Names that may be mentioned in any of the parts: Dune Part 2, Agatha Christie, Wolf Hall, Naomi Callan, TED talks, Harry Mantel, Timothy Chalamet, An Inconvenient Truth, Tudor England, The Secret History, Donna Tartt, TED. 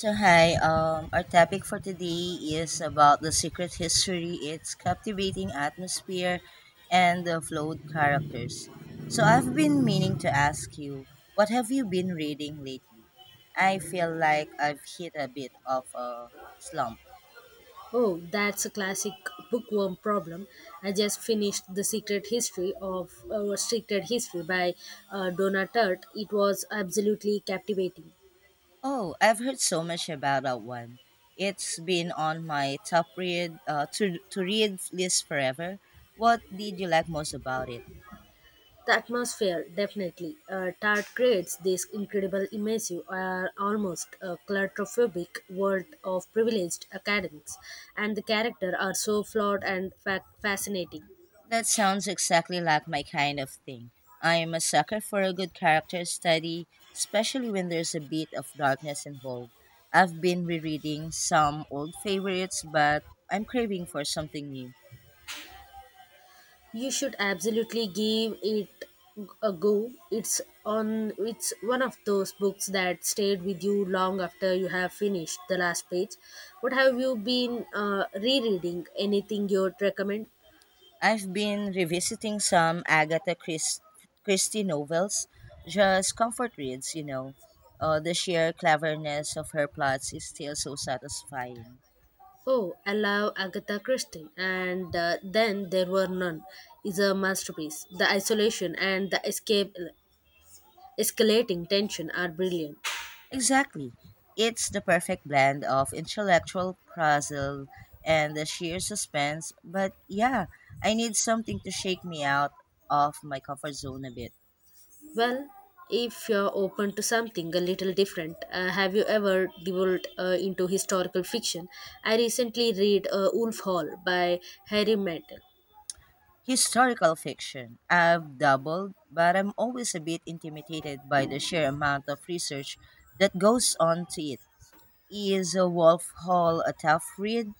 So hi, our topic for today is about the secret history, its captivating atmosphere, and the flawed characters. So I've been meaning to ask you, what have you been reading lately? I feel like I've hit a bit of a slump. Oh, that's a classic bookworm problem. I just finished The Secret History by Donna Tartt. It was absolutely captivating. Oh, I've heard so much about that one. It's been on my top read to read list forever. What did you like most about it? The atmosphere, definitely. Tart creates this incredible, immersive, almost claustrophobic world of privileged academics, and the characters are so flawed and fascinating. That sounds exactly like my kind of thing. I am a sucker for a good character study, especially when there's a bit of darkness involved. I've been rereading some old favorites, but I'm craving for something new. You should absolutely give it a go. It's one of those books that stayed with you long after you have finished the last page. What have you been rereading? Anything you'd recommend? I've been revisiting some Christie novels, just comfort reads, The sheer cleverness of her plots is still so satisfying. Oh, I love Agatha Christie, and then there were none. Is a masterpiece. The isolation and the escalating tension are brilliant. Exactly. It's the perfect blend of intellectual puzzle and the sheer suspense. But yeah, I need something to shake me out of my comfort zone a bit. Well, if you're open to something a little different, have you ever delved into historical fiction? I recently read Wolf Hall by Harry Mantel. Historical fiction. I've doubled, but I'm always a bit intimidated by the sheer amount of research that goes on to it. Is a Wolf Hall a tough read?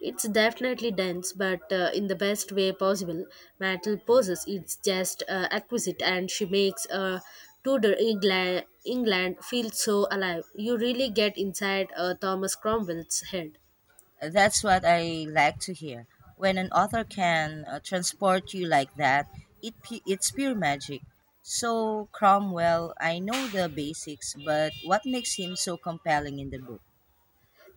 It's definitely dense, but in the best way possible. Mantel poses it's just exquisite, and she makes Tudor England feel so alive. You really get inside Thomas Cromwell's head. That's what I like to hear. When an author can transport you like that, it's pure magic. So Cromwell, I know the basics, but what makes him so compelling in the book?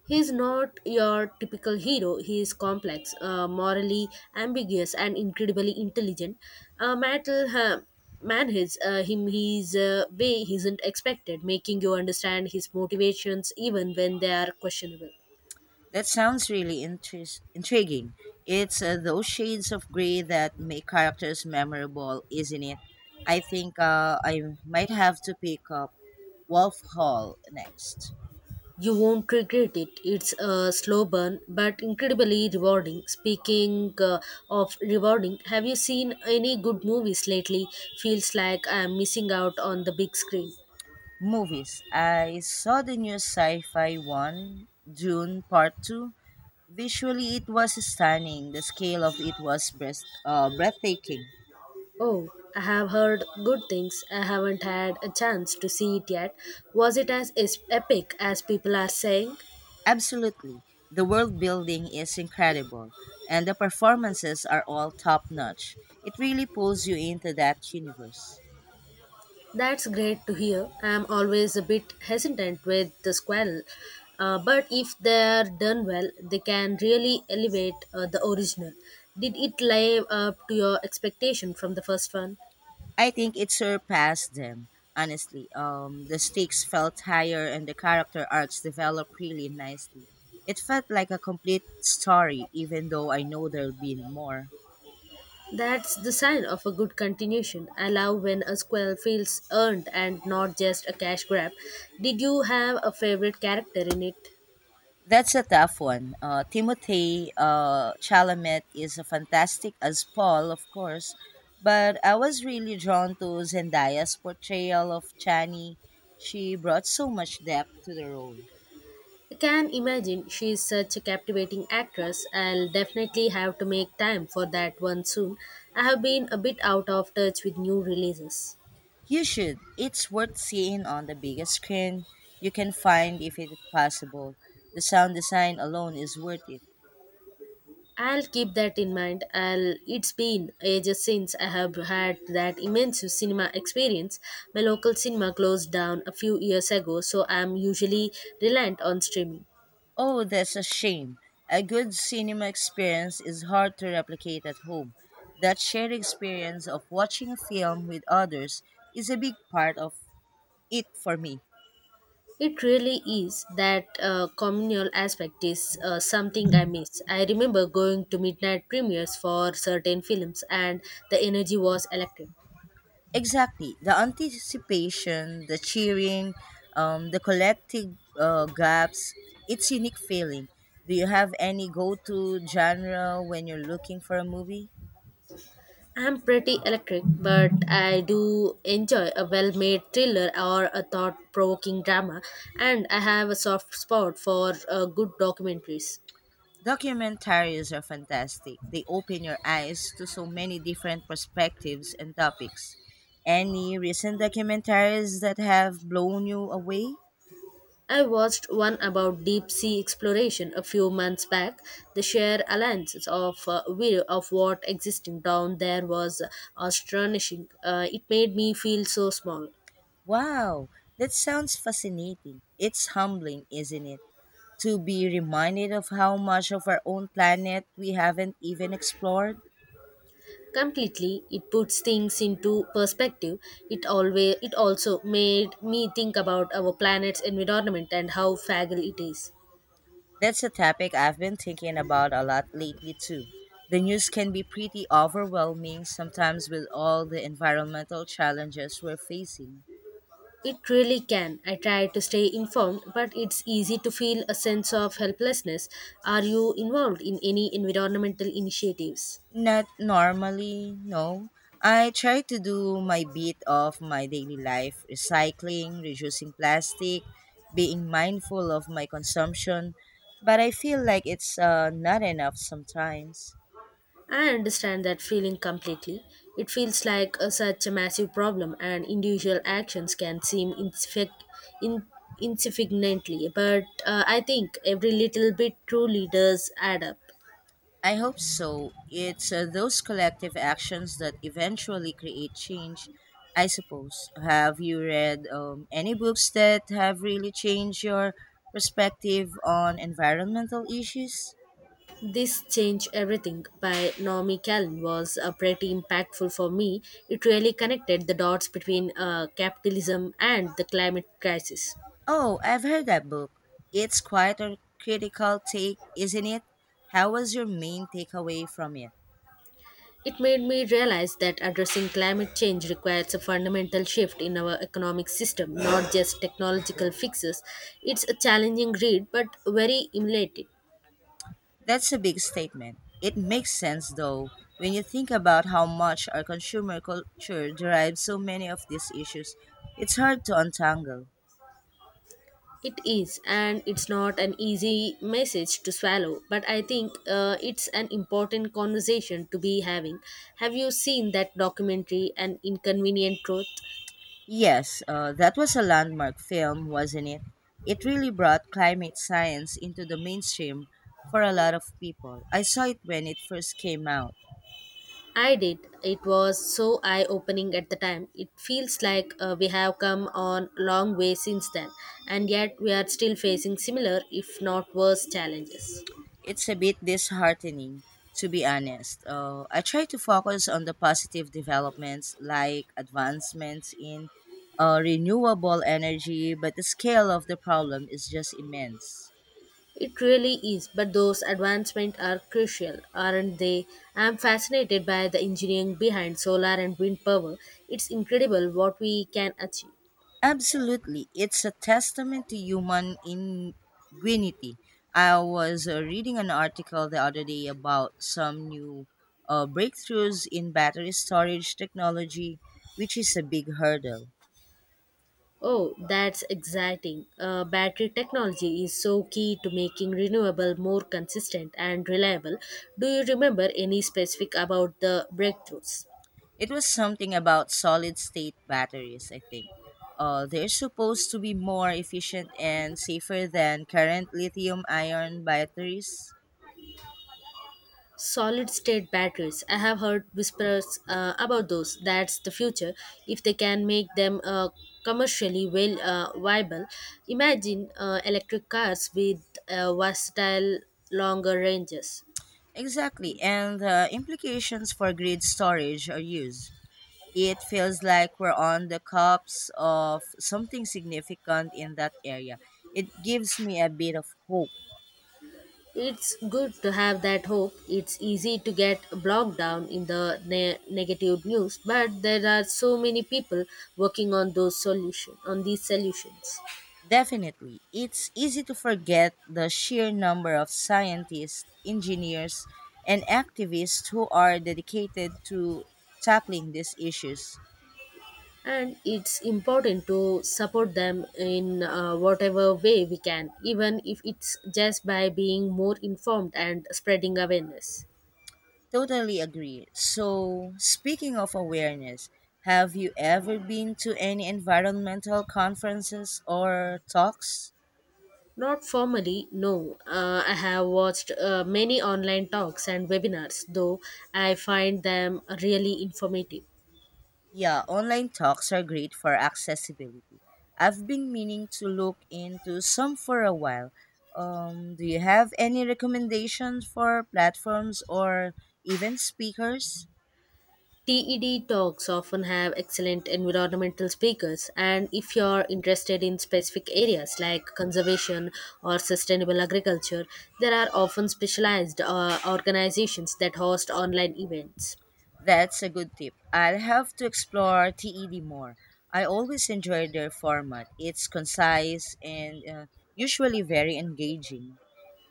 He's not your typical hero. He is complex, morally ambiguous, and incredibly intelligent. Uh, Mattel ha- manages him his way he isn't expected, making you understand his motivations even when they are questionable. That sounds really intriguing. It's those shades of gray that make characters memorable, isn't it? I think I might have to pick up Wolf Hall next. You won't regret it. It's a slow burn, but incredibly rewarding. Speaking of rewarding, have you seen any good movies lately? Feels like I'm missing out on the big screen. Movies. I saw the new sci fi one, Dune Part 2. Visually, it was stunning. The scale of it was breathtaking. Oh, I have heard good things. I haven't had a chance to see it yet. Was it as epic as people are saying? Absolutely. The world building is incredible, and the performances are all top notch. It really pulls you into that universe. That's great to hear. I'm always a bit hesitant with the squirrel, but if they're done well, they can really elevate the original. Did it live up to your expectation from the first one? I think it surpassed them, honestly. The stakes felt higher and the character arcs developed really nicely. It felt like a complete story, even though I know there'll be more. That's the sign of a good continuation. I love when a squirrel feels earned and not just a cash grab. Did you have a favorite character in it? That's a tough one. Timothy Chalamet is a fantastic as Paul, of course, but I was really drawn to Zendaya's portrayal of Chani. She brought so much depth to the role. I can imagine she is such a captivating actress. I'll definitely have to make time for that one soon. I have been a bit out of touch with new releases. You should. It's worth seeing on the biggest screen you can find if it's possible. The sound design alone is worth it. I'll keep that in mind. It's been ages since I have had that immense cinema experience. My local cinema closed down a few years ago, so I'm usually reliant on streaming. Oh, that's a shame. A good cinema experience is hard to replicate at home. That shared experience of watching a film with others is a big part of it for me. It really is. That communal aspect is something I miss. I remember going to midnight premieres for certain films, and the energy was electric. Exactly. The anticipation, the cheering, the collective gaps, it's unique feeling. Do you have any go-to genre when you're looking for a movie? I'm pretty electric, but I do enjoy a well made thriller or a thought provoking drama, and I have a soft spot for good documentaries. Documentaries are fantastic. They open your eyes to so many different perspectives and topics. Any recent documentaries that have blown you away? I watched one about deep sea exploration a few months back. The sheer alliances of view of what existing down there was astonishing. It made me feel so small. Wow, that sounds fascinating. It's humbling, isn't it, to be reminded of how much of our own planet we haven't even explored? Completely, it puts things into perspective. It also made me think about our planet's environment and how fragile it is. That's a topic I've been thinking about a lot lately, too. The news can be pretty overwhelming sometimes with all the environmental challenges we're facing. It really can. I try to stay informed, but it's easy to feel a sense of helplessness. Are you involved in any environmental initiatives? Not normally, no. I try to do my bit of my daily life, recycling, reducing plastic, being mindful of my consumption, but I feel like it's not enough sometimes. I understand that feeling completely. It feels like such a massive problem, and individual actions can seem in, insignificantly. But I think every little bit truly does add up. I hope so. It's those collective actions that eventually create change, I suppose. Have you read any books that have really changed your perspective on environmental issues? This Change Everything by Naomi Callan was pretty impactful for me. It really connected the dots between capitalism and the climate crisis. Oh, I've heard that book. It's quite a critical take, isn't it? How was your main takeaway from it? It made me realize that addressing climate change requires a fundamental shift in our economic system, not just technological fixes. It's a challenging read, but very elated. That's a big statement. It makes sense, though, when you think about how much our consumer culture derives so many of these issues. It's hard to untangle. It is, and it's not an easy message to swallow, but I think it's an important conversation to be having. Have you seen that documentary, An Inconvenient Truth? Yes, that was a landmark film, wasn't it? It really brought climate science into the mainstream for a lot of people. I saw it when it first came out. I did. It was so eye opening at the time. It feels like we have come on long way since then, and yet we are still facing similar, if not worse, challenges. It's a bit disheartening, to be honest. I try to focus on the positive developments like advancements in renewable energy, but the scale of the problem is just immense. It really is, but those advancements are crucial, aren't they? I'm fascinated by the engineering behind solar and wind power. It's incredible what we can achieve. Absolutely. It's a testament to human ingenuity. I was reading an article the other day about some new breakthroughs in battery storage technology, which is a big hurdle. Oh, that's exciting. Battery technology is so key to making renewable more consistent and reliable. Do you remember any specific about the breakthroughs? It was something about solid state batteries, I think. They're supposed to be more efficient and safer than current lithium ion batteries. Solid state batteries. I have heard whispers about those. That's the future. If they can make them commercially well viable, imagine electric cars with versatile longer ranges. Exactly, and the implications for grid storage are huge. It feels like we're on the cusp of something significant in that area. It gives me a bit of hope. It's good to have that hope. It's easy to get bogged down in the negative news, but there are so many people working on those solution on these solutions, Definitely. It's easy to forget the sheer number of scientists, engineers, and activists who are dedicated to tackling these issues. and it's important to support them in whatever way we can, even if it's just by being more informed and spreading awareness. Totally agree. So, speaking of awareness, have you ever been to any environmental conferences or talks? Not formally, no. I have watched many online talks and webinars, though I find them really informative. Yeah, online talks are great for accessibility. I've been meaning to look into some for a while. Do you have any recommendations for platforms or even speakers? TED talks often have excellent environmental speakers, and if you're interested in specific areas like conservation or sustainable agriculture, there are often specialized organizations that host online events. That's a good tip. I'll have to explore TED more. I always enjoy their format. It's concise and usually very engaging.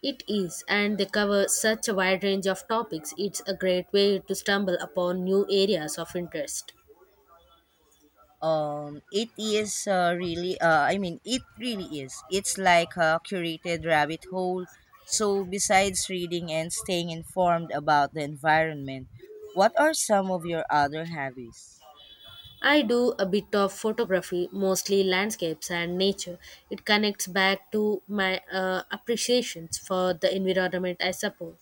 It is, and they cover such a wide range of topics, it's a great way to stumble upon new areas of interest. It is really I mean it really is. It's like a curated rabbit hole. So besides reading and staying informed about the environment, what are some of your other hobbies? I do a bit of photography, mostly landscapes and nature. It connects back to my appreciations for the environment I support.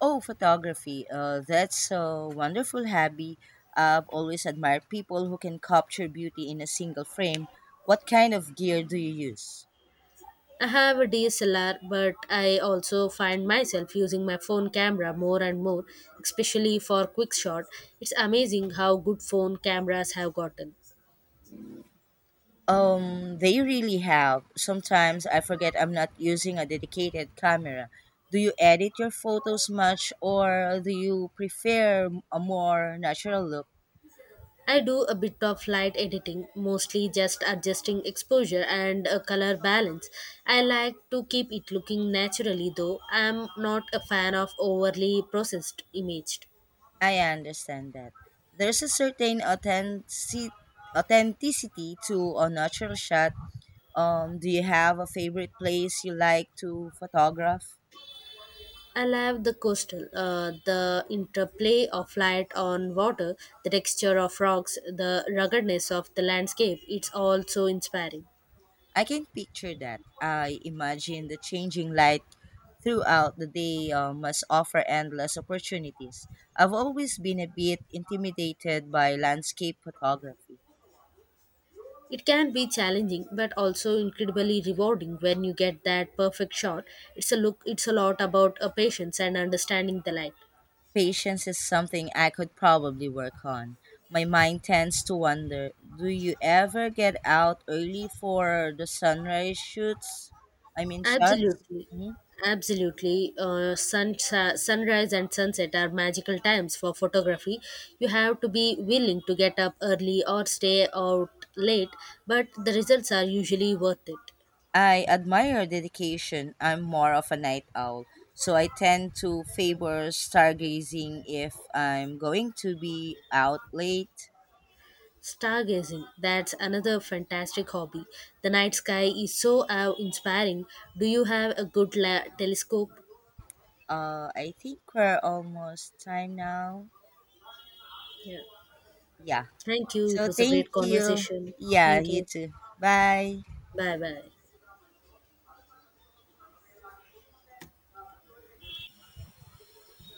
Oh, photography, that's a wonderful hobby. I've always admired people who can capture beauty in a single frame. What kind of gear do you use? I have a DSLR, but I also find myself using my phone camera more and more, especially for quick shot. It's amazing how good phone cameras have gotten. They really have. Sometimes I forget I'm not using a dedicated camera. Do you edit your photos much or do you prefer a more natural look? I do a bit of light editing, mostly just adjusting exposure and color balance. I like to keep it looking naturally though. I'm not a fan of overly processed imaged. I understand that. There's a authenticity to a natural shot. Do you have a favorite place you like to photograph? I love the coastal, the interplay of light on water, the texture of rocks, the ruggedness of the landscape. It's all so inspiring. I can picture that. I imagine the changing light throughout the day must offer endless opportunities. I've always been a bit intimidated by landscape photography. It can be challenging but also incredibly rewarding when you get that perfect shot. It's a lot about a patience and understanding the light. Patience is something I could probably work on. My mind tends to wonder, do you ever get out early for the sunrise shots? Absolutely. Hmm. Absolutely. Sunrise and sunset are magical times for photography. You have to be willing to get up early or stay out late, but the results are usually worth it. I admire your dedication. I'm more of a night owl, so I tend to favor stargazing if I'm going to be out late. Stargazing, that's another fantastic hobby. The night sky is so inspiring. Do you have a good telescope? I think we're almost time now. Yeah. Yeah. Thank you. It So was a thank great you. conversation. Yeah, Thank you you. too. Bye. Bye bye.